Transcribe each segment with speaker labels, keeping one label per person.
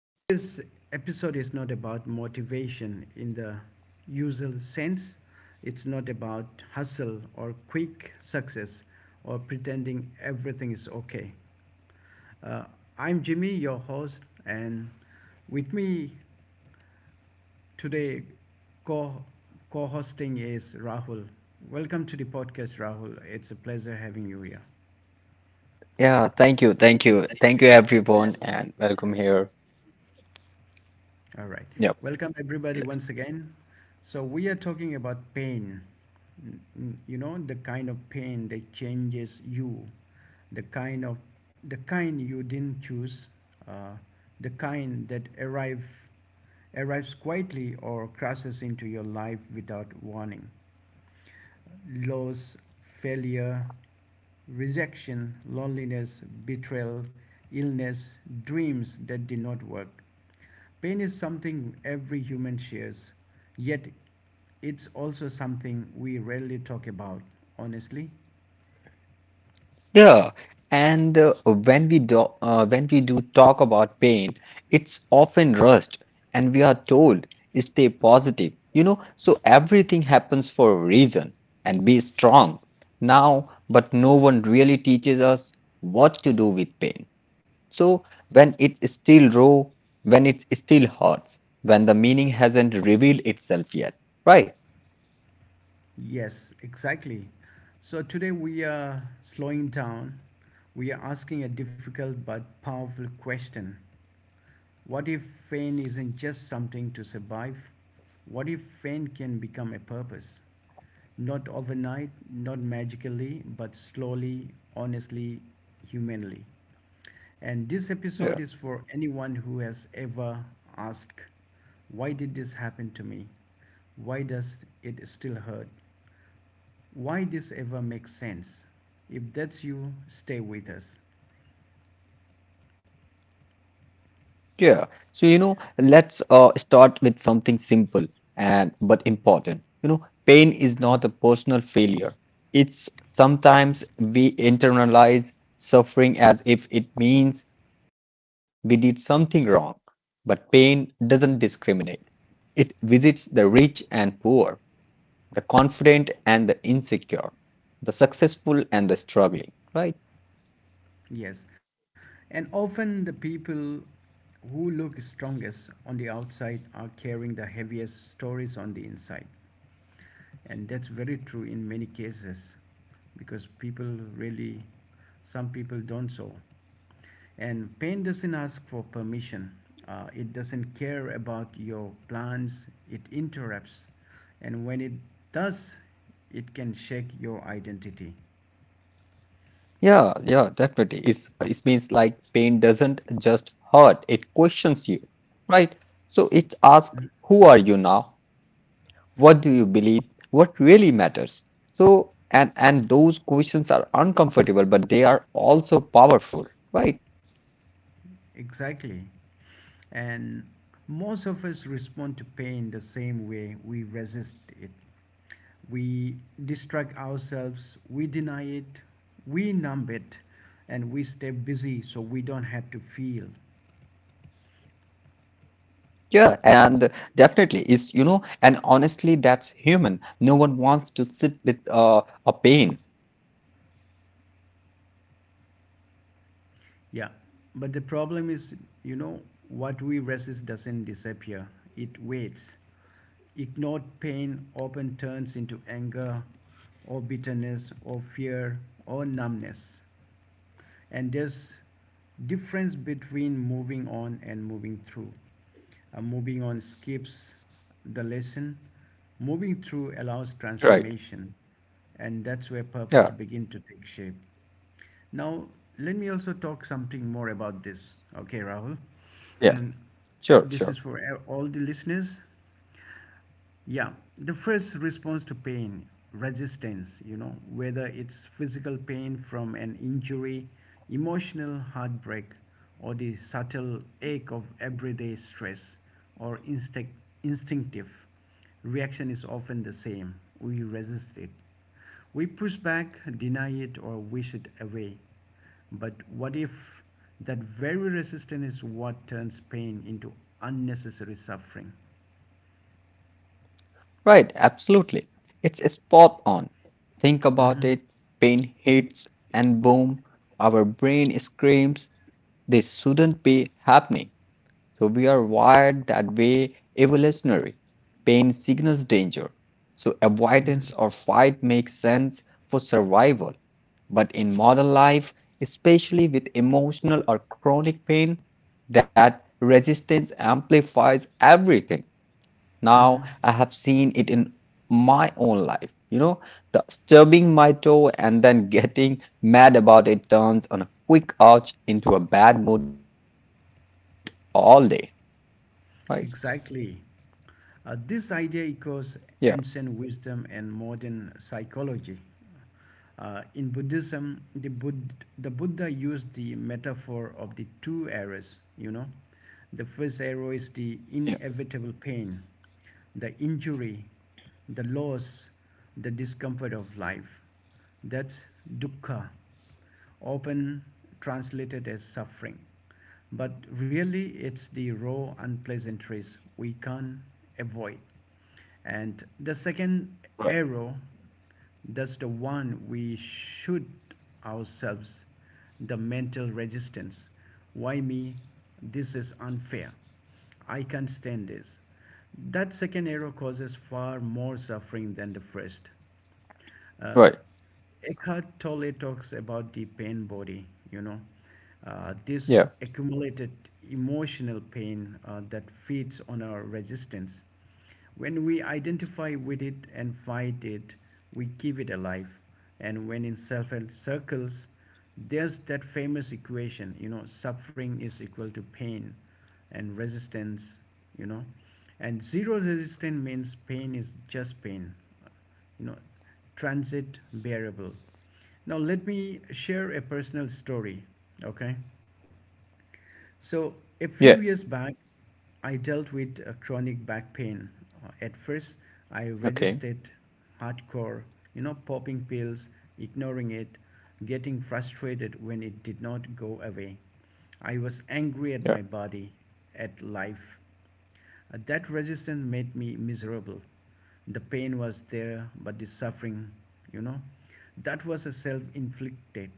Speaker 1: Today's episode is not about motivation in the usual sense. It's not about hustle or quick success or pretending everything is okay. Uh, I'm Jimmy, your host, and with me today, co co hosting is Rahul. Welcome to the podcast, Rahul. It's a pleasure having you here.
Speaker 2: Yeah, thank you, thank you, thank you everyone, and welcome here.
Speaker 1: All right.
Speaker 2: Yep.
Speaker 1: Welcome, everybody, once again. So, we are talking about pain. You know, the kind of pain that changes you, the kind of the kind you didn't choose, uh, the kind that arrives quietly or crashes into your life without warning, loss, failure, rejection, loneliness, betrayal, illness, dreams that did not work. Pain is something every human shares, yet it's also something we rarely talk about. Honestly,
Speaker 2: Yeah, and when we do talk about pain, it's often rushed, and we are told stay positive. You know, so everything happens for a reason, and be strong now. But no one really teaches us what to do with pain. So when it is still raw, when it still hurts, when the meaning hasn't revealed itself yet, right?
Speaker 1: yes, exactly. So today we are slowing down. We are asking a difficult but powerful question. What if pain isn't just something to survive? What if pain can become a purpose? Not overnight, not magically, but slowly, honestly, humanly. And this episode
Speaker 2: Yeah.
Speaker 1: is for anyone who has ever asked, why did this happen to me? Why does it still hurt? Why this ever makes sense? If that's you, stay with us.
Speaker 2: Yeah. So let's start with something simple and but important. You know, pain is not a personal failure. It's sometimes we internalize suffering as if it means we did something wrong. But pain doesn't discriminate. It visits the rich and poor, the confident and the insecure, the successful and the struggling, right?
Speaker 1: Yes, and often the people who look strongest on the outside are carrying the heaviest stories on the inside. And that's very true in many cases because people really, some people don't so. And pain doesn't ask for permission, it doesn't care about your plans, it interrupts. And when it does, it can shake your identity.
Speaker 2: Yeah, definitely. It means like pain doesn't just hurt, it questions you, right? So it asks,
Speaker 1: Hmm?
Speaker 2: who are you now? What do you believe? What really matters? And those questions are uncomfortable, but they are also powerful, right?
Speaker 1: Exactly. And most of us respond to pain the same way we resist it. We distract ourselves, we deny it, we numb it, and we stay busy so we don't have to feel.
Speaker 2: Yeah, and definitely is, you know, and honestly, that's human. No one wants to sit with a pain,
Speaker 1: Yeah, but the problem is, you know, what we resist doesn't disappear, it waits. Ignored pain often turns into anger or bitterness or fear or numbness. And there's difference between moving on and moving through. Moving on skips the lesson. Moving through allows
Speaker 2: right?
Speaker 1: transformation. And that's where purpose
Speaker 2: Yeah,
Speaker 1: begin to take shape. Now, let me also talk something more about this. Okay, Rahul.
Speaker 2: yeah,
Speaker 1: And
Speaker 2: sure,
Speaker 1: this is
Speaker 2: sure.
Speaker 1: for all the listeners. Yeah, the first response to pain, resistance, you know, whether it's physical pain from an injury, emotional heartbreak, or the subtle ache of everyday stress or instinctive reaction is often the same. We resist it. We push back, deny it, or wish it away. But what if that very resistance is what turns pain into unnecessary suffering?
Speaker 2: Right, absolutely. It's spot on. Think about it, pain hits, and boom, our brain screams, this shouldn't be happening. So we are wired that way evolutionary. Pain signals danger. So
Speaker 1: hmm
Speaker 2: avoidance or fight makes sense for survival. But in modern life, especially with emotional or chronic pain, that resistance amplifies everything. Now
Speaker 1: Mhm.
Speaker 2: I have seen it in my own life. You know, the stubbing my toe and then getting mad about it turns on a quick ouch into a bad mood all day. Right?
Speaker 1: Exactly. This idea
Speaker 2: Yeah.
Speaker 1: echoes ancient wisdom and modern psychology. In Buddhism, the Buddha used the metaphor of the two arrows, you know. The first arrow is the
Speaker 2: Yeah.
Speaker 1: inevitable pain, the injury, the loss, the discomfort of life. That's dukkha, often translated as suffering. But really, it's the raw unpleasantries we can't avoid. And the second
Speaker 2: Right.
Speaker 1: arrow, that's the one we shoot ourselves, the mental resistance. Why me? This is unfair. I can't stand this. That second arrow causes far more suffering than the first. Uh,
Speaker 2: Right.
Speaker 1: Eckhart Tolle talks about the pain body, you know, this
Speaker 2: Yeah.
Speaker 1: accumulated emotional pain that feeds on our resistance. When we identify with it and fight it, we keep it alive. And when in self help circles, there's that famous equation, you know, suffering is equal to pain and resistance, you know. And zero resistance means pain is just pain, you know, transit variable. Now let me share a personal story, okay?
Speaker 2: Yes.
Speaker 1: So a few years back I dealt with a chronic back pain. At first I
Speaker 2: Okay.
Speaker 1: resisted hardcore, you know, popping pills, ignoring it, getting frustrated when it did not go away. I was angry at
Speaker 2: Yeah.
Speaker 1: my body, at life. That resistance made me miserable. The pain was there, but the suffering, you know, that was a self inflicted.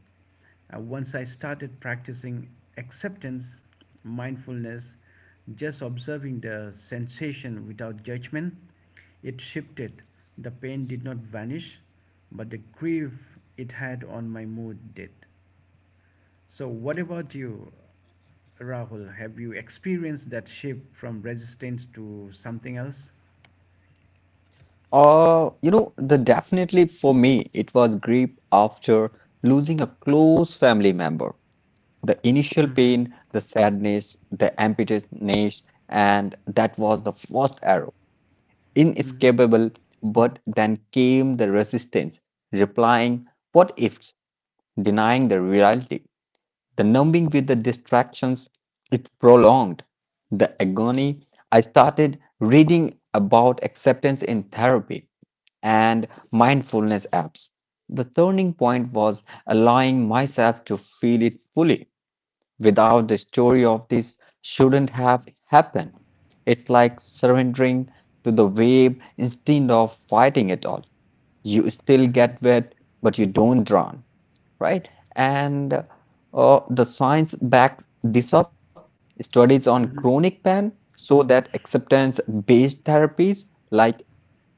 Speaker 1: Once I started practicing acceptance, mindfulness, just observing the sensation without judgment, it shifted. The pain did not vanish, but the grief it had on my mood did. So, what about you, Rahul? Have you experienced that shift from resistance to something else?
Speaker 2: The definitely for me, it was grief after losing a close family member. The initial
Speaker 1: Mm-hmm.
Speaker 2: pain, the sadness, the emptiness, and that was the first arrow.
Speaker 1: Mm-hmm.
Speaker 2: Inescapable, but then came the resistance, replying, what ifs, denying the reality, the numbing with the distractions it prolonged, the agony. I started reading about acceptance in therapy and mindfulness apps. The turning point was allowing myself to feel it fully. Without the story of this shouldn't have happened. It's like surrendering to the wave instead of fighting it all. You still
Speaker 1: Mm-hmm.
Speaker 2: get wet, but you don't drown, right? And The science backs this up. Studies on chronic pain show that acceptance-based therapies like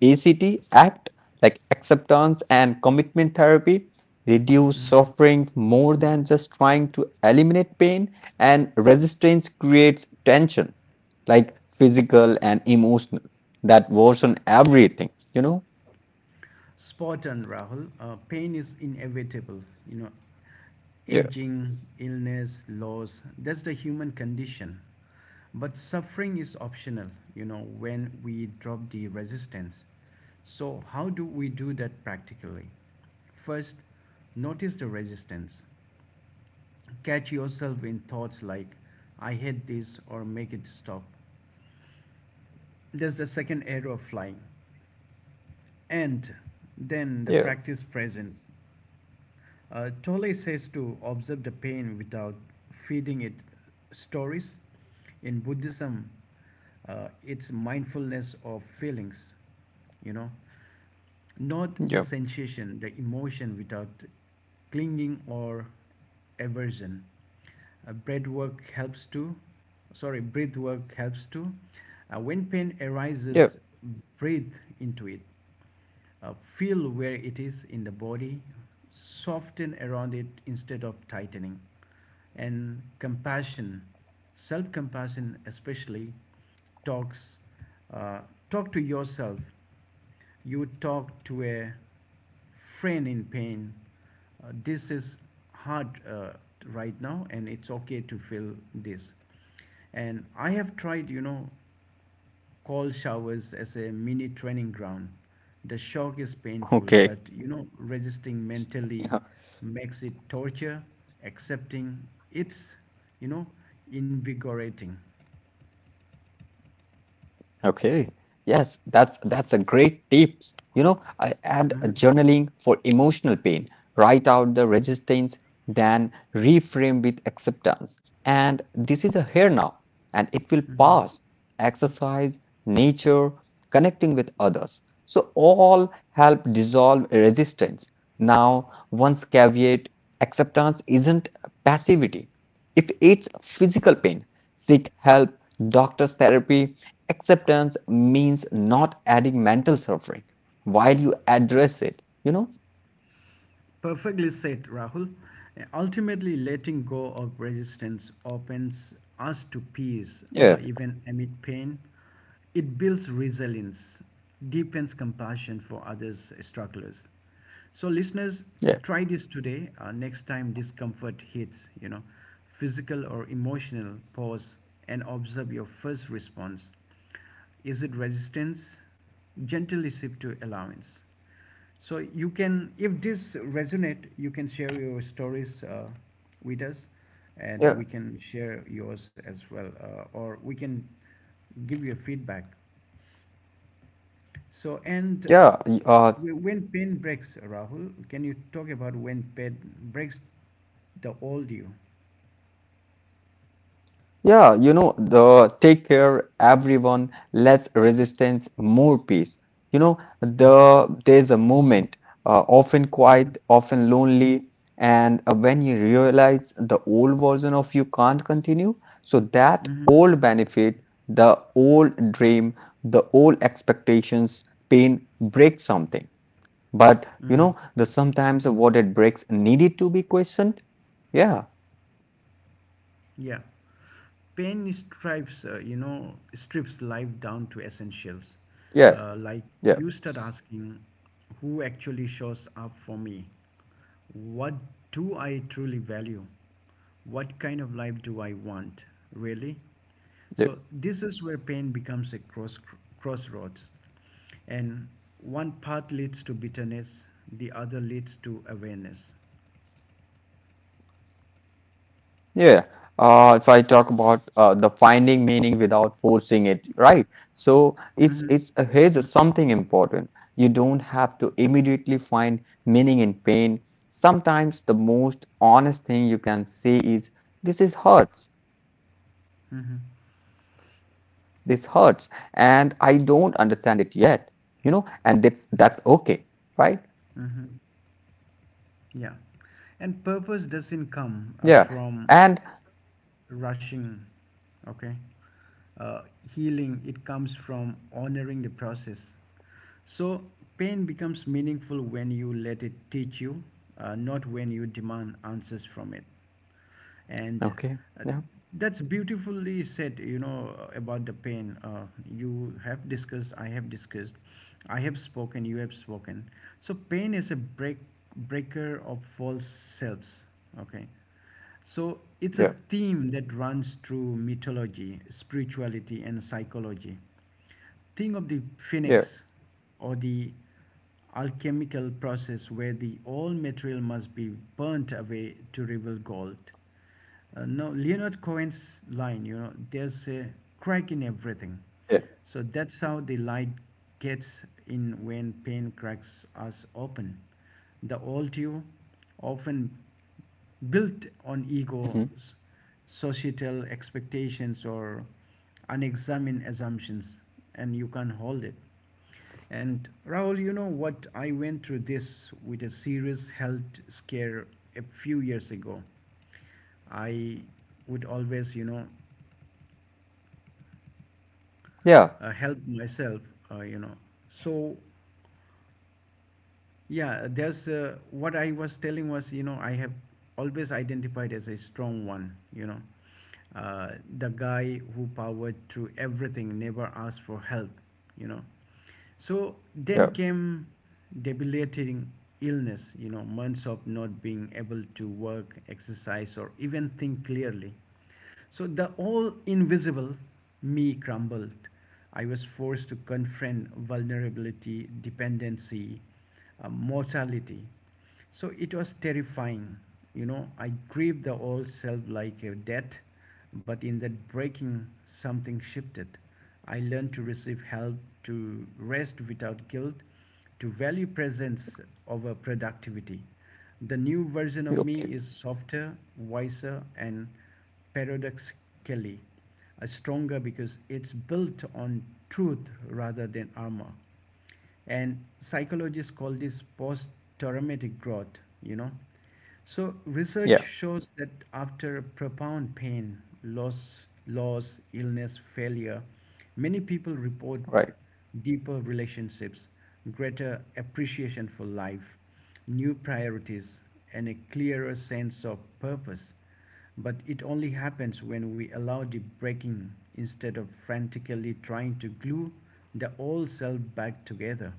Speaker 2: ACT act like acceptance and commitment therapy reduce
Speaker 1: Mm-hmm.
Speaker 2: suffering more than just trying to eliminate pain and resistance creates tension like physical and emotional that worsen everything, you know.
Speaker 1: Spot on, Rahul. Pain is inevitable. You know,
Speaker 2: Yeah,
Speaker 1: aging, illness, loss, that's the human condition. But suffering is optional, you know, when we drop the resistance. So, how do we do that practically? First, notice the resistance. Catch yourself in thoughts like I hate this or make it stop. That's the second error of flying. And then the
Speaker 2: yeah,
Speaker 1: practice presence. Tolle says to observe the pain without feeding it stories. In Buddhism, it's mindfulness of feelings, you know, not the
Speaker 2: yeah,
Speaker 1: sensation, the emotion without clinging or aversion. Uh, breath work helps to, Breath work helps to. When pain
Speaker 2: yeah.
Speaker 1: arises, breathe into it. Feel where it is in the body, soften around it instead of tightening. And compassion, self compassion especially, talks, uh, talk to yourself. You talk to a friend in pain. This is hard right now, and it's okay to feel this. And I have tried, you know, call showers as a mini training ground. The shock is painful, but
Speaker 2: okay
Speaker 1: you know, resisting mentally makes it torture. Accepting it's, you know, invigorating.
Speaker 2: Okay. Yes, that's a great tips. You know, I add a journaling
Speaker 1: Mhm.
Speaker 2: for emotional pain. Write out the resistance, then reframe with acceptance. And this is a here now, and it will
Speaker 1: Mhm.
Speaker 2: pass. Exercise, nature, connecting with others. So all help dissolve resistance. Now, once caveat, acceptance isn't passivity. If it's physical pain, seek help. Doctors therapy acceptance means not adding mental suffering while you address it, you know?
Speaker 1: Perfectly said, Rahul. Ultimately, letting go of resistance opens us to peace,
Speaker 2: Yeah,
Speaker 1: even amid pain. It builds resilience, deepens compassion for others' strugglers. So, listeners,
Speaker 2: yeah,
Speaker 1: try this today. Next time discomfort hits, you know, physical or emotional, pause and observe your first response. Is it resistance? Gently shift to allowance. So you can, if this resonate, you can share your stories with us, and we can
Speaker 2: Yeah,
Speaker 1: share yours as well, or we can give you a feedback. So and
Speaker 2: yeah. y- Uh,
Speaker 1: when pain breaks, Rahul, can you talk about when pain breaks the old you?
Speaker 2: Yeah, you know, the take care, everyone, less resistance, more peace. You know,
Speaker 1: Mm-hmm.
Speaker 2: the there's a moment, often
Speaker 1: Mm-hmm.
Speaker 2: quiet, often lonely, and when you realize the old version of you can't continue, so that
Speaker 1: Mm-hmm.
Speaker 2: old benefit, the old dream, the old expectations, pain breaks something. But you
Speaker 1: Mm-hmm.
Speaker 2: know, the sometimes what it breaks needed to be questioned. Yeah,
Speaker 1: Yeah. Pain stripes, you know, strips life down to essentials,
Speaker 2: yeah,
Speaker 1: like
Speaker 2: yeah,
Speaker 1: you start asking, who actually shows up for me, what do I truly value, what kind of life do I want really.
Speaker 2: yeah.
Speaker 1: So this is where pain becomes a crossroads, and one path leads to bitterness, the other leads to awareness.
Speaker 2: Yeah. If I talk about the finding meaning without forcing it, right? So
Speaker 1: Hmm.
Speaker 2: it's Here's something important. You don't have to immediately find meaning in pain. Sometimes the most honest thing you can say is, "This is hurts. This hurts,
Speaker 1: Hmm.
Speaker 2: and I don't understand it yet." You know, and that's okay, right?
Speaker 1: Hmm. Yeah. And
Speaker 2: Yeah.
Speaker 1: purpose doesn't
Speaker 2: And
Speaker 1: come from rushing, okay, uh, healing it comes from honoring the process. So pain becomes meaningful when you let it teach you, not when you demand answers from it. And
Speaker 2: okay. Yeah.
Speaker 1: uh, that's beautifully said, you know, about the pain. You have discussed I have discussed, I have spoken you have spoken. So pain is a breaker of false selves, okay. So
Speaker 2: Yeah.
Speaker 1: it's a theme that runs through mythology, spirituality, and psychology. Think of the
Speaker 2: Yeah.
Speaker 1: phoenix or the alchemical process where the all material must be burnt away to reveal gold. No, Leonard Cohen's line, you know, there's a crack in everything.
Speaker 2: Yeah.
Speaker 1: So that's how the light gets in when pain cracks us open. The old you, often built on
Speaker 2: Mhm.
Speaker 1: egos, societal expectations, or unexamined assumptions, and you can't hold it. And Rahul, you know what? I went through this with a serious health scare a few years ago. I would always, you know,
Speaker 2: Yeah.
Speaker 1: help myself, you know. So yeah, there's what I was telling was, you know, I have always identified as a strong one, you know. Uh, the guy who powered through everything, never asked for help, you know. So then
Speaker 2: Yeah.
Speaker 1: came debilitating illness, you know, months of not being able to work, exercise, or even think clearly. So the all invisible me crumbled. I was forced to confront vulnerability, dependency, mortality. So it was terrifying. You know, I grieved the old self like a death, but in that breaking, something shifted. I learned to receive help, to rest without guilt, to value presence over productivity. The new version of
Speaker 2: Okay.
Speaker 1: me is softer, wiser, and paradoxically stronger because it's built on truth rather than armor. And psychologists call this post traumatic growth, you know. So
Speaker 2: Yeah.
Speaker 1: research shows that after profound pain, loss, illness, failure, many people report
Speaker 2: Right.
Speaker 1: deeper relationships, greater appreciation for life, new priorities, and a clearer sense of purpose. But it only happens when we allow the breaking instead of frantically trying to glue the old self back together.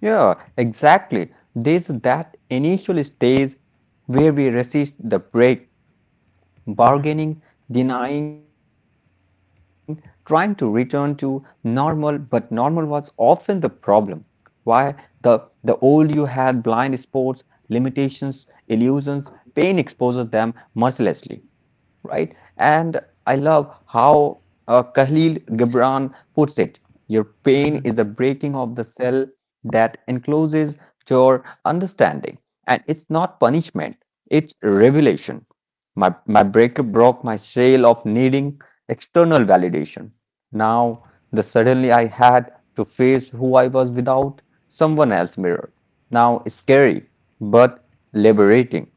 Speaker 2: Yeah, exactly. There's that initial stage where we resist the break,
Speaker 1: Mm-hmm.
Speaker 2: bargaining, denying, trying to return to normal, but normal was often the problem. Why? The old you had blind spots, limitations, illusions, pain exposes them mercilessly, right? And I love how Khalil Gibran puts it. Your pain is the breaking of the cell that encloses your understanding. And it's not punishment, it's revelation. My breaker broke my shell of needing external validation. Now, the suddenly I had to face who I was without someone else's mirror. Now, it's scary, but liberating,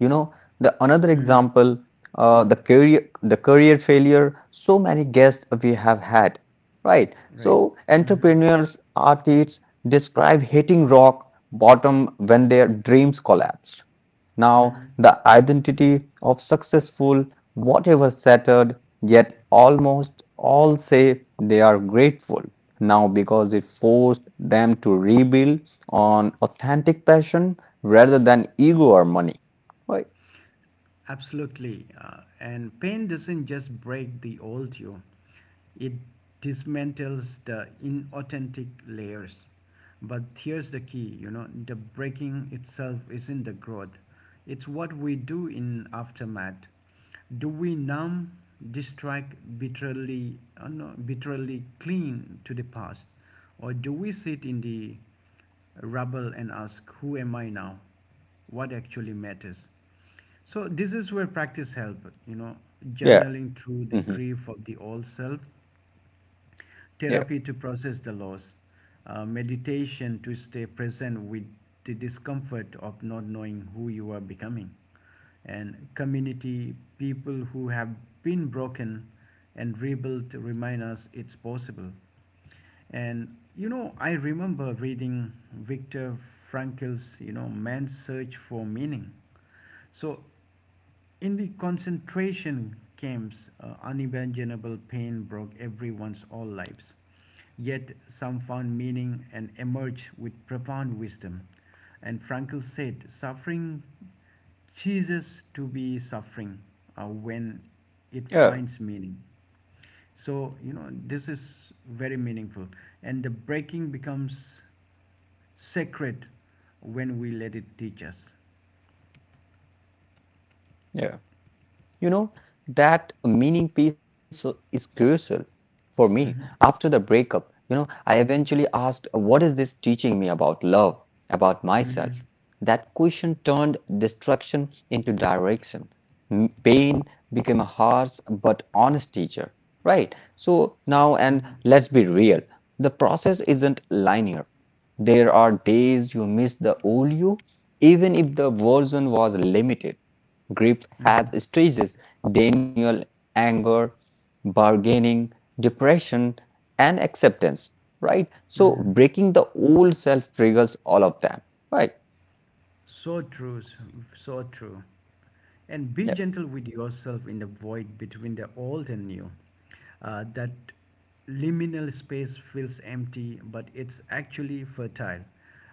Speaker 2: you know. The another
Speaker 1: Mm-hmm. Mm-hmm.
Speaker 2: example, the career failure, so many guests we have had, right? So
Speaker 1: Right. Mm-hmm.
Speaker 2: entrepreneurs, artists describe hitting rock bottom when their dreams collapsed. Now
Speaker 1: Mm-hmm.
Speaker 2: the identity of successful whatever shattered, yet almost all say they are grateful now because it forced them to rebuild on authentic passion rather than ego or money, like.
Speaker 1: Absolutely. And pain doesn't just break the old you, it dismantles the inauthentic layers. But here's the key, you know, the breaking itself isn't the growth, it's what we do in aftermath. Do we numb, distract, bitterly, no, bitterly cling to the past? Or do we sit in the rubble and ask, who am I now? What actually matters? So this is where practice help, you know,
Speaker 2: Yeah.
Speaker 1: journaling through the
Speaker 2: hmm
Speaker 1: grief of the old self,
Speaker 2: yeah,
Speaker 1: therapy to process the loss, meditation to stay present with the discomfort of not knowing who you are becoming, and community people who have been broken and rebuilt remind us it's possible. And you know, I remember reading Viktor Frankl's, Man's Search for Meaning. So in the concentration camps, unimaginable pain broke everyone's all lives. Yet some found meaning and emerged with profound wisdom. And Frankl said, suffering ceases to be suffering when it
Speaker 2: yeah,
Speaker 1: finds meaning. So, you know, this is very meaningful. And the breaking becomes sacred when we let it teach us.
Speaker 2: yeah. You know, that meaning piece is crucial for me. After the
Speaker 1: Hmm.
Speaker 2: breakup, you know, I eventually asked, what is this teaching me about love, about myself?
Speaker 1: Hmm.
Speaker 2: That question turned destruction into direction. Pain became a harsh but honest teacher, right? So now, and
Speaker 1: Mhm,
Speaker 2: let's be real, the process isn't linear. There are days you miss the old you, even if the version was limited. Grief has
Speaker 1: mhm,
Speaker 2: stages: denial, anger, bargaining, depression, and acceptance, right? So
Speaker 1: mhm.
Speaker 2: breaking the old self triggers all of that, right?
Speaker 1: So true, so true. And be
Speaker 2: Yeah,
Speaker 1: gentle with yourself in the void between the old and new. That liminal space feels empty, but it's actually fertile.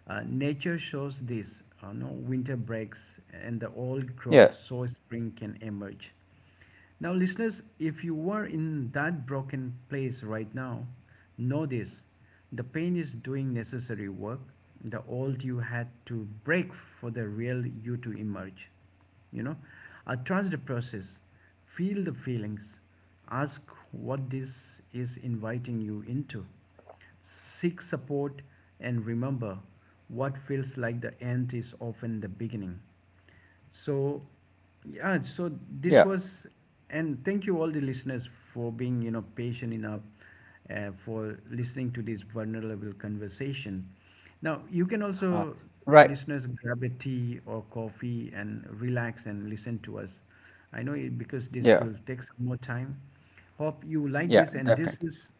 Speaker 1: Nature shows this. No winter breaks, and the old
Speaker 2: yeah,
Speaker 1: growth, so spring can emerge. Now, listeners, if you are in that broken place right now, know this, the pain is doing necessary work, the old you had to break for the real you to emerge. You know, trust the process, feel the feelings, ask what this is inviting you into, seek support, and remember what feels like the end is often the beginning. So, yeah, so
Speaker 2: yeah,
Speaker 1: this was, and thank you all the listeners for being, you know, patient enough for listening to this vulnerable conversation. Now, you can
Speaker 2: uh,
Speaker 1: also,
Speaker 2: right.
Speaker 1: listeners, grab a tea or coffee and relax and listen to us. I know it because this
Speaker 2: Yeah,
Speaker 1: will take some more time. Hope you like
Speaker 2: yeah,
Speaker 1: this, and this
Speaker 2: definitely.
Speaker 1: is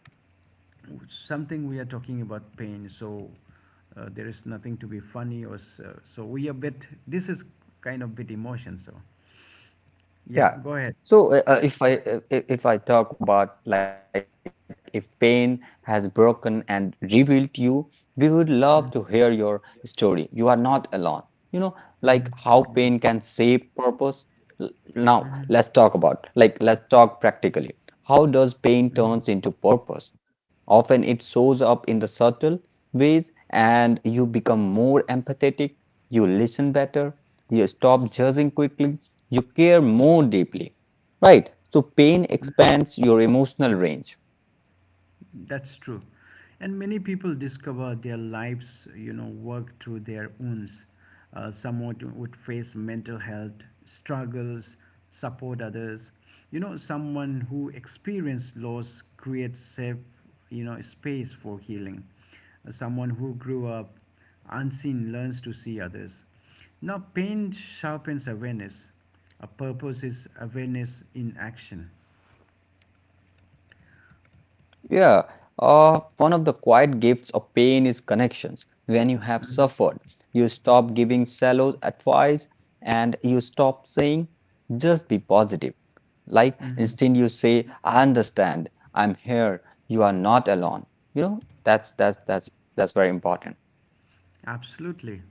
Speaker 1: something we are talking about pain so there is nothing to be funny or so, so we a bit this is kind of bit emotion so yeah,
Speaker 2: Yeah.
Speaker 1: go ahead.
Speaker 2: So if I talk about like if pain has broken and rebuilt you, we would love to hear your
Speaker 1: Mm-hmm.
Speaker 2: story. You are not alone. You know, like how
Speaker 1: Mm-hmm.
Speaker 2: pain can
Speaker 1: Right.
Speaker 2: save purpose. L- Now,
Speaker 1: Mm-hmm.
Speaker 2: let's talk about like let's talk practically. How does pain
Speaker 1: Mm-hmm.
Speaker 2: turns into purpose? Often it shows up in the subtle ways, and you become more empathetic, you listen better, you stop judging quickly, you care more deeply, right? So, pain
Speaker 1: Mm-hmm.
Speaker 2: expands your emotional range.
Speaker 1: That's true. And many people discover their lives, you know, work through their wounds. Some would face mental health struggles, support others. You know, someone who experienced loss creates safe, you know, space for healing. Someone who grew up unseen learns to see others. Now, pain sharpens awareness. A purpose is awareness in action.
Speaker 2: Yeah, one of the quiet gifts of pain is connections. When you have
Speaker 1: Mhm.
Speaker 2: suffered, you stop giving shallow advice and you stop saying, just be positive. Like,
Speaker 1: Mhm.
Speaker 2: instead, you say, I understand, I'm here, you are not alone. You know, that's very important.
Speaker 1: Absolutely.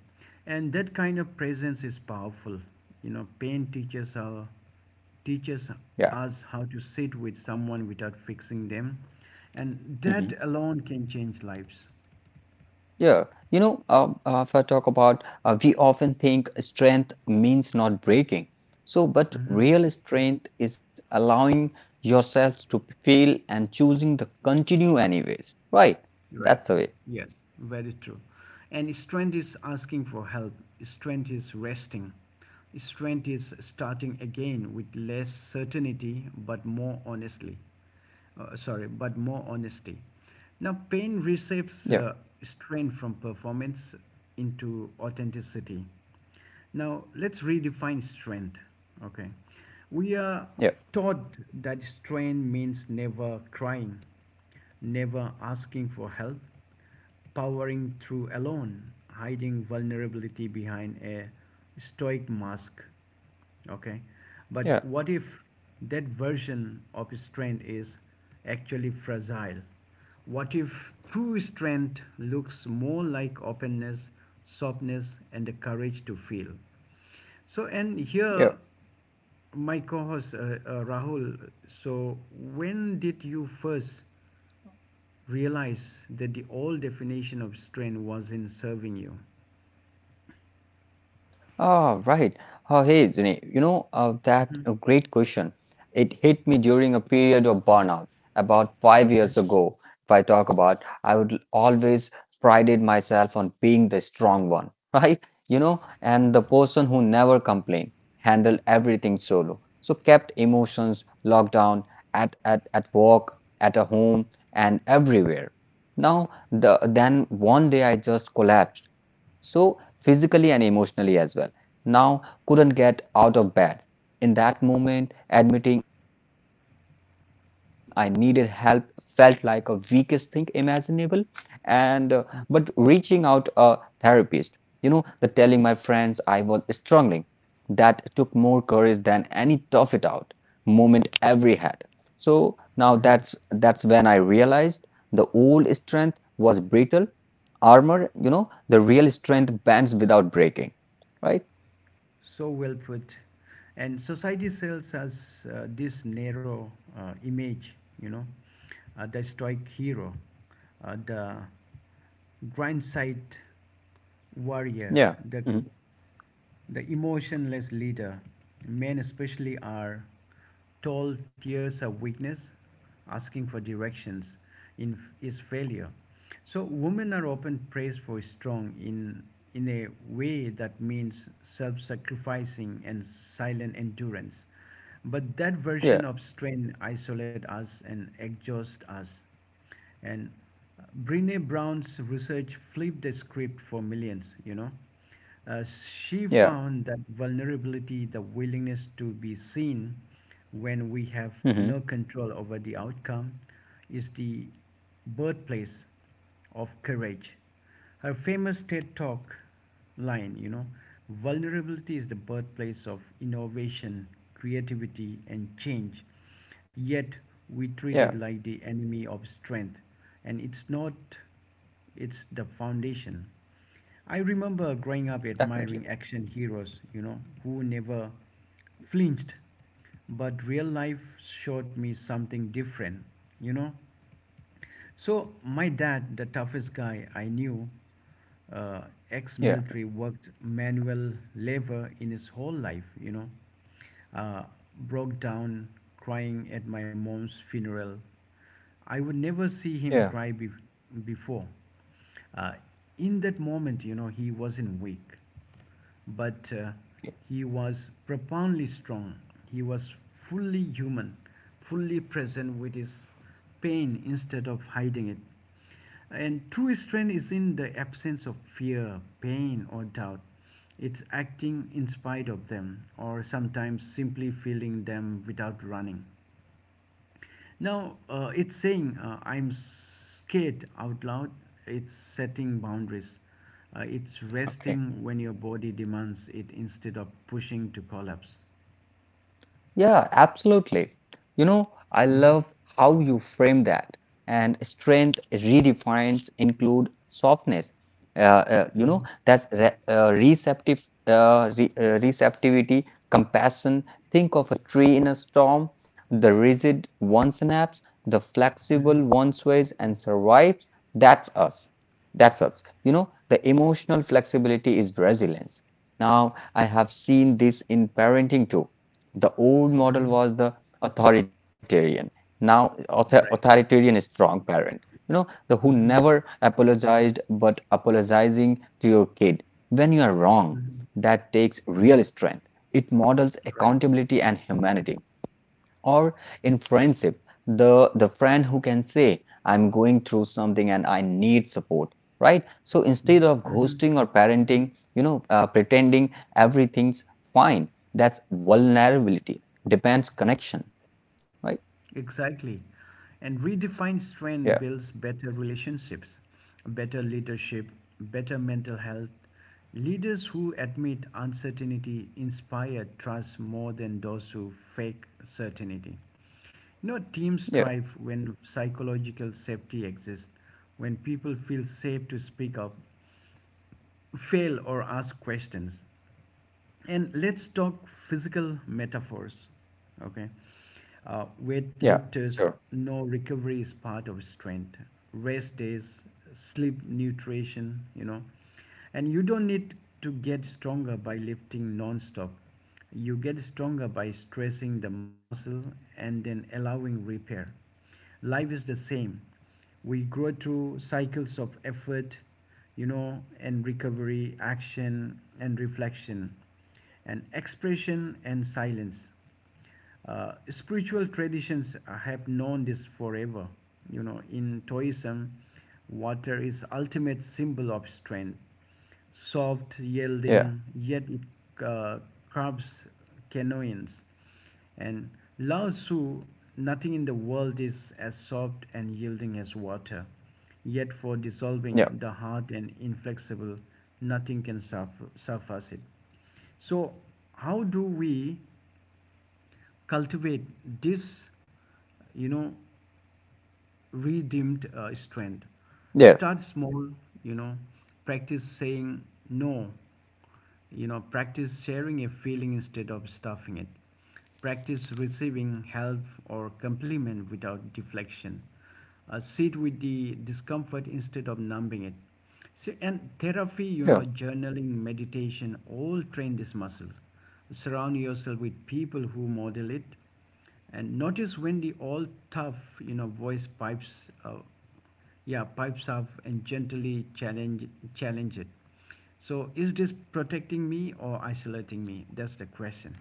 Speaker 1: And that kind of presence is powerful. You know, pain teaches
Speaker 2: Yeah.
Speaker 1: us how to sit with someone without fixing them. And
Speaker 2: Mm-hmm.
Speaker 1: that alone can change lives.
Speaker 2: Yeah, you know, if I talk about, we often think strength means not breaking. So, but
Speaker 1: Mm-hmm.
Speaker 2: real strength is allowing yourselves to fail and choosing to continue anyways, right?
Speaker 1: Right.
Speaker 2: That's the way.
Speaker 1: Yes, very true. And strength is asking for help. Strength is resting. Strength is starting again with less certainty but more honestly. Sorry, but more honesty. Now, pain receives
Speaker 2: Yeah,
Speaker 1: strength from performance into authenticity. Now, let's redefine strength. Okay. We are
Speaker 2: yeah,
Speaker 1: taught that strength means never crying, never asking for help, powering through alone, hiding vulnerability behind a stoic mask. Okay, but
Speaker 2: yeah,
Speaker 1: what if that version of strength is actually fragile? What if true strength looks more like openness, softness, and the courage to feel? So, and here
Speaker 2: yeah.
Speaker 1: my co-host, Rahul, so when did you first realize that the old definition of strength wasn't serving you?
Speaker 2: Ah, right. Hey, Zune, you know, that a great question. It hit me during a period of burnout about five
Speaker 1: Okay,
Speaker 2: years ago. If I talk about, I would always prided myself on being the strong one, right? You know, and the person who never complained, handled everything solo. So kept emotions locked down at work, at a home, and everywhere. Now, the then one day I just collapsed, so physically and emotionally as well. Now, couldn't get out of bed. In that moment, admitting I needed help felt like a weakest thing imaginable. And but reaching out a therapist, you know, the telling my friends I was struggling, that took more courage than any tough it out moment every had. So now that's when I realized the old strength was brittle armor, you know, the real strength bends without breaking, right?
Speaker 1: so well put. And society sells us this narrow image, you know, the stoic hero, the grind site warrior,
Speaker 2: Yeah. Hmm.
Speaker 1: the emotionless leader. Men especially are, tall tears are weakness, asking for directions in, is failure. So women are often praised for strong in a way that means self-sacrificing and silent endurance. But that
Speaker 2: Yeah.
Speaker 1: version of strength isolates us and exhausts us. And Brene Brown's research flipped the script for millions, you know. She
Speaker 2: Yeah.
Speaker 1: found that vulnerability, the willingness to be seen when we have
Speaker 2: Hmm.
Speaker 1: no control over the outcome, is the birthplace of courage. Her famous TED Talk line, you know, vulnerability is the birthplace of innovation, creativity, and change. Yet we
Speaker 2: Yeah.
Speaker 1: treat it like the enemy of strength, and it's not, it's the foundation. I remember growing up
Speaker 2: Definitely.
Speaker 1: admiring action heroes, you know, who never flinched. But real life showed me something different, you know. So my dad, the toughest guy I knew, uh,
Speaker 2: Yeah.
Speaker 1: ex-military, worked manual labor in his whole life. You know, uh, broke down crying at my mom's funeral. I would never see him
Speaker 2: Yeah.
Speaker 1: cry before. Uh, in that moment, you know, he wasn't weak. But he was profoundly strong. He was fully human, fully present with his pain instead of hiding it. And true strength is in the absence of fear, pain, or doubt. It's acting in spite of them, or sometimes simply feeling them without running. Now, it's saying I'm scared out loud. It's setting boundaries. It's
Speaker 2: Okay.
Speaker 1: resting when your body demands it instead of pushing to collapse.
Speaker 2: Yeah, absolutely. You know, I
Speaker 1: Mhm,
Speaker 2: love how you frame that. And strength redefines include softness. Uh, you know,
Speaker 1: mhm,
Speaker 2: that's re receptive, re receptivity, compassion. Think of a tree in a storm. The rigid one snaps, the flexible
Speaker 1: mhm.
Speaker 2: one sways and survives. That's us. That's us. You know, the emotional flexibility is resilience. Now, I have seen this in parenting too. The old model was the authoritarian,
Speaker 1: Right.
Speaker 2: authoritarian is strong parent, you know, the who
Speaker 1: Mhm,
Speaker 2: never apologized, but apologizing to your kid when you are wrong.
Speaker 1: mhm.
Speaker 2: That takes real strength. It models
Speaker 1: Right.
Speaker 2: accountability and humanity. Or in friendship, the friend who can say, "I'm going through something and I need support," right? So instead of
Speaker 1: Mhm.
Speaker 2: ghosting or parenting, you know, pretending everything's fine, that's vulnerability. Depends connection, right?
Speaker 1: Exactly. And redefined
Speaker 2: Yeah,
Speaker 1: strength builds better relationships, better leadership, better mental health. Leaders who admit uncertainty inspire trust more than those who fake certainty. You know, teams
Speaker 2: yeah,
Speaker 1: thrive when psychological safety exists, when people feel safe to speak up, fail, or ask questions. And let's talk physical metaphors. Okay. Weight
Speaker 2: yeah,
Speaker 1: lifters
Speaker 2: sure,
Speaker 1: know recovery is part of strength, rest days, sleep, nutrition, you know. And you don't need to get stronger by lifting non-stop. You get stronger by stressing the muscle and then allowing repair. Life is the same. We grow through cycles of effort, you know, and recovery, action and reflection, and expression and silence. Spiritual traditions have known this forever. You know, in Taoism, water is ultimate symbol of strength, soft, yielding, yet
Speaker 2: yeah,
Speaker 1: it curbs canoeings. And Lao Tzu, nothing in the world is as soft and yielding as water. Yet for dissolving the hard
Speaker 2: yeah,
Speaker 1: and inflexible, nothing can surface it. So, how do we cultivate this, you know, redeemed strength?
Speaker 2: yeah,
Speaker 1: Start small, you know, practice saying no, you know, practice sharing a feeling instead of stuffing it, practice receiving help or compliment without deflection, sit with the discomfort instead of numbing it. See, and therapy, you know,
Speaker 2: yeah.
Speaker 1: journaling, meditation, all train this muscle. Surround yourself with people who model it and notice when the all tough, you know, voice pipes up and gently challenge it. So is this protecting me or isolating me? That's the question.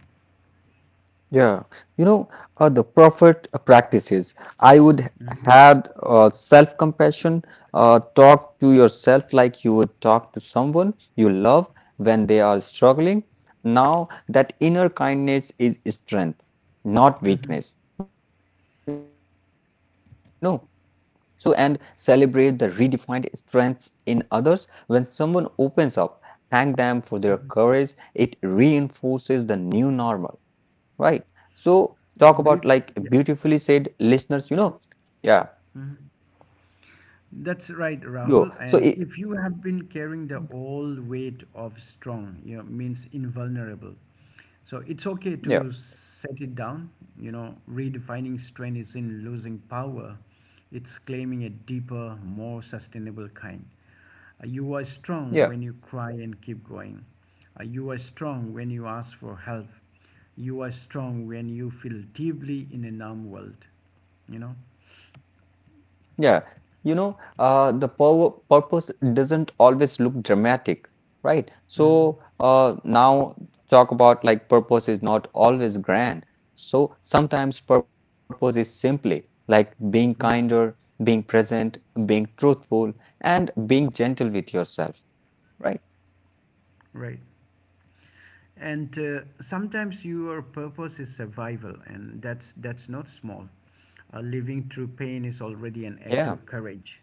Speaker 2: Yeah, you know, the prophet practices. I would
Speaker 1: Mhm.
Speaker 2: have self-compassion. Talk to yourself like you would talk to someone you love when they are struggling. Now, that inner kindness is strength, not weakness. You know, so and celebrate the redefined strengths in others. When someone opens up, thank them for their courage. It reinforces the new normal. Right. So talk about like
Speaker 1: Yeah,
Speaker 2: beautifully
Speaker 1: be,
Speaker 2: said
Speaker 1: yeah.
Speaker 2: listeners, you know. Yeah.
Speaker 1: Mhm. That's
Speaker 2: Yo.
Speaker 1: right,
Speaker 2: So it,
Speaker 1: Rahul. And if you have been carrying the old weight of strong, you know, means invulnerable. So it's okay
Speaker 2: yeah,
Speaker 1: to set it down. You know, redefining strength is in losing power. It's claiming a deeper, more sustainable kind. You are
Speaker 2: yeah,
Speaker 1: strong when you cry and keep going. You are strong when you ask for help. You are strong when you feel deeply in a numb world. You know?
Speaker 2: yeah. You know, the power purpose doesn't always look dramatic, right?
Speaker 1: Mm,
Speaker 2: So now talk about like purpose is not always grand. So sometimes purpose is simply like being
Speaker 1: mm,
Speaker 2: kinder, being present, being truthful, and being gentle with yourself, right?
Speaker 1: right. And sometimes your purpose is survival, and that's not small. Uh, living through pain is
Speaker 2: Yeah.
Speaker 1: already an act of courage.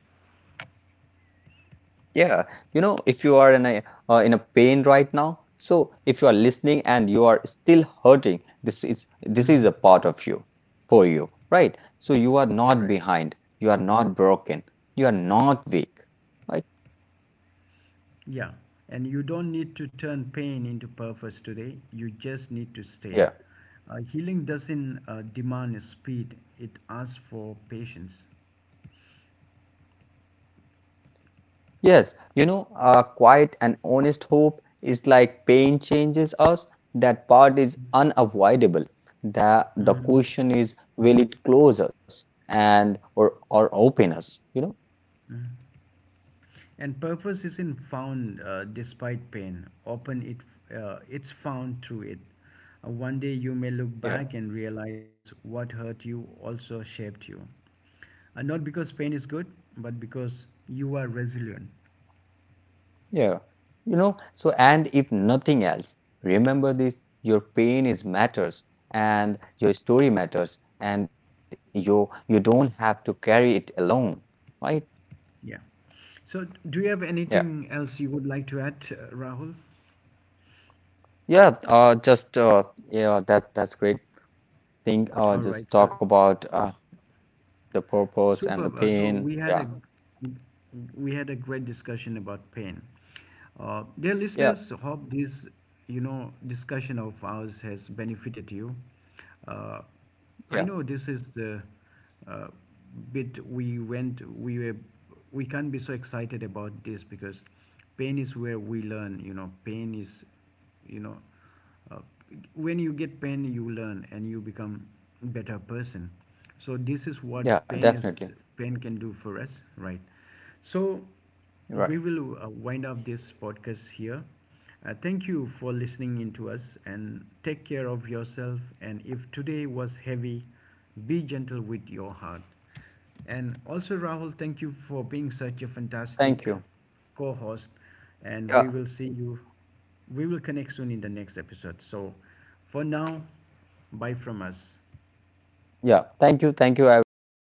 Speaker 2: Yeah, you know, if you are in a pain right now, so if you are listening and you are still hurting, this is
Speaker 1: Mhm.
Speaker 2: a part of you for you, right? So you are not
Speaker 1: Right.
Speaker 2: behind, you are not broken, you are not weak, right?
Speaker 1: Yeah, and you don't need to turn pain into purpose today, you just need to stay.
Speaker 2: Yeah.
Speaker 1: Uh, healing doesn't demand speed, it asks for patience.
Speaker 2: Yes, you know, quiet and honest hope is like pain changes us. That part is unavoidable. The
Speaker 1: Mhm.
Speaker 2: question is, will it close us and or open us? You know?
Speaker 1: And purpose isn't found despite pain. Often it's found through it. One day you may look back and realize what hurt you also shaped you. Not because pain is good, but because you are resilient.
Speaker 2: Yeah, you know, so and if nothing else, remember this, your pain is matters and your story matters and you don't have to carry it alone, right?
Speaker 1: Yeah. So, do you have
Speaker 2: Yeah.
Speaker 1: anything else you would like to add, Rahul?
Speaker 2: Yeah, just yeah, that that's great thing.
Speaker 1: All
Speaker 2: Uh
Speaker 1: right.
Speaker 2: just
Speaker 1: So,
Speaker 2: talk about the purpose and the
Speaker 1: superb.
Speaker 2: pain. Yeah.
Speaker 1: We had a great discussion about pain. Dear
Speaker 2: Yeah.
Speaker 1: listeners, hope this, you know, discussion of ours has benefited you. Uh, I
Speaker 2: Yeah.
Speaker 1: know this is the uh, bit we were we can't be so excited about this because pain is where we learn. You know, pain is, you know, uh, when you get pain you learn and you become better person, so this is what
Speaker 2: Yeah,
Speaker 1: pain
Speaker 2: definitely.
Speaker 1: is, pain can do for us, right? So
Speaker 2: Right.
Speaker 1: we will wind up this podcast here. Uh, thank you for listening in to us and take care of yourself, and if today was heavy, be gentle with your heart. And also, Rahul, thank you for being such a
Speaker 2: Thank
Speaker 1: fantastic
Speaker 2: you.
Speaker 1: co host.
Speaker 2: Yeah.
Speaker 1: And we will connect soon in the next episode. So, for now, bye from us.
Speaker 2: Yeah. Thank you. Thank you everyone.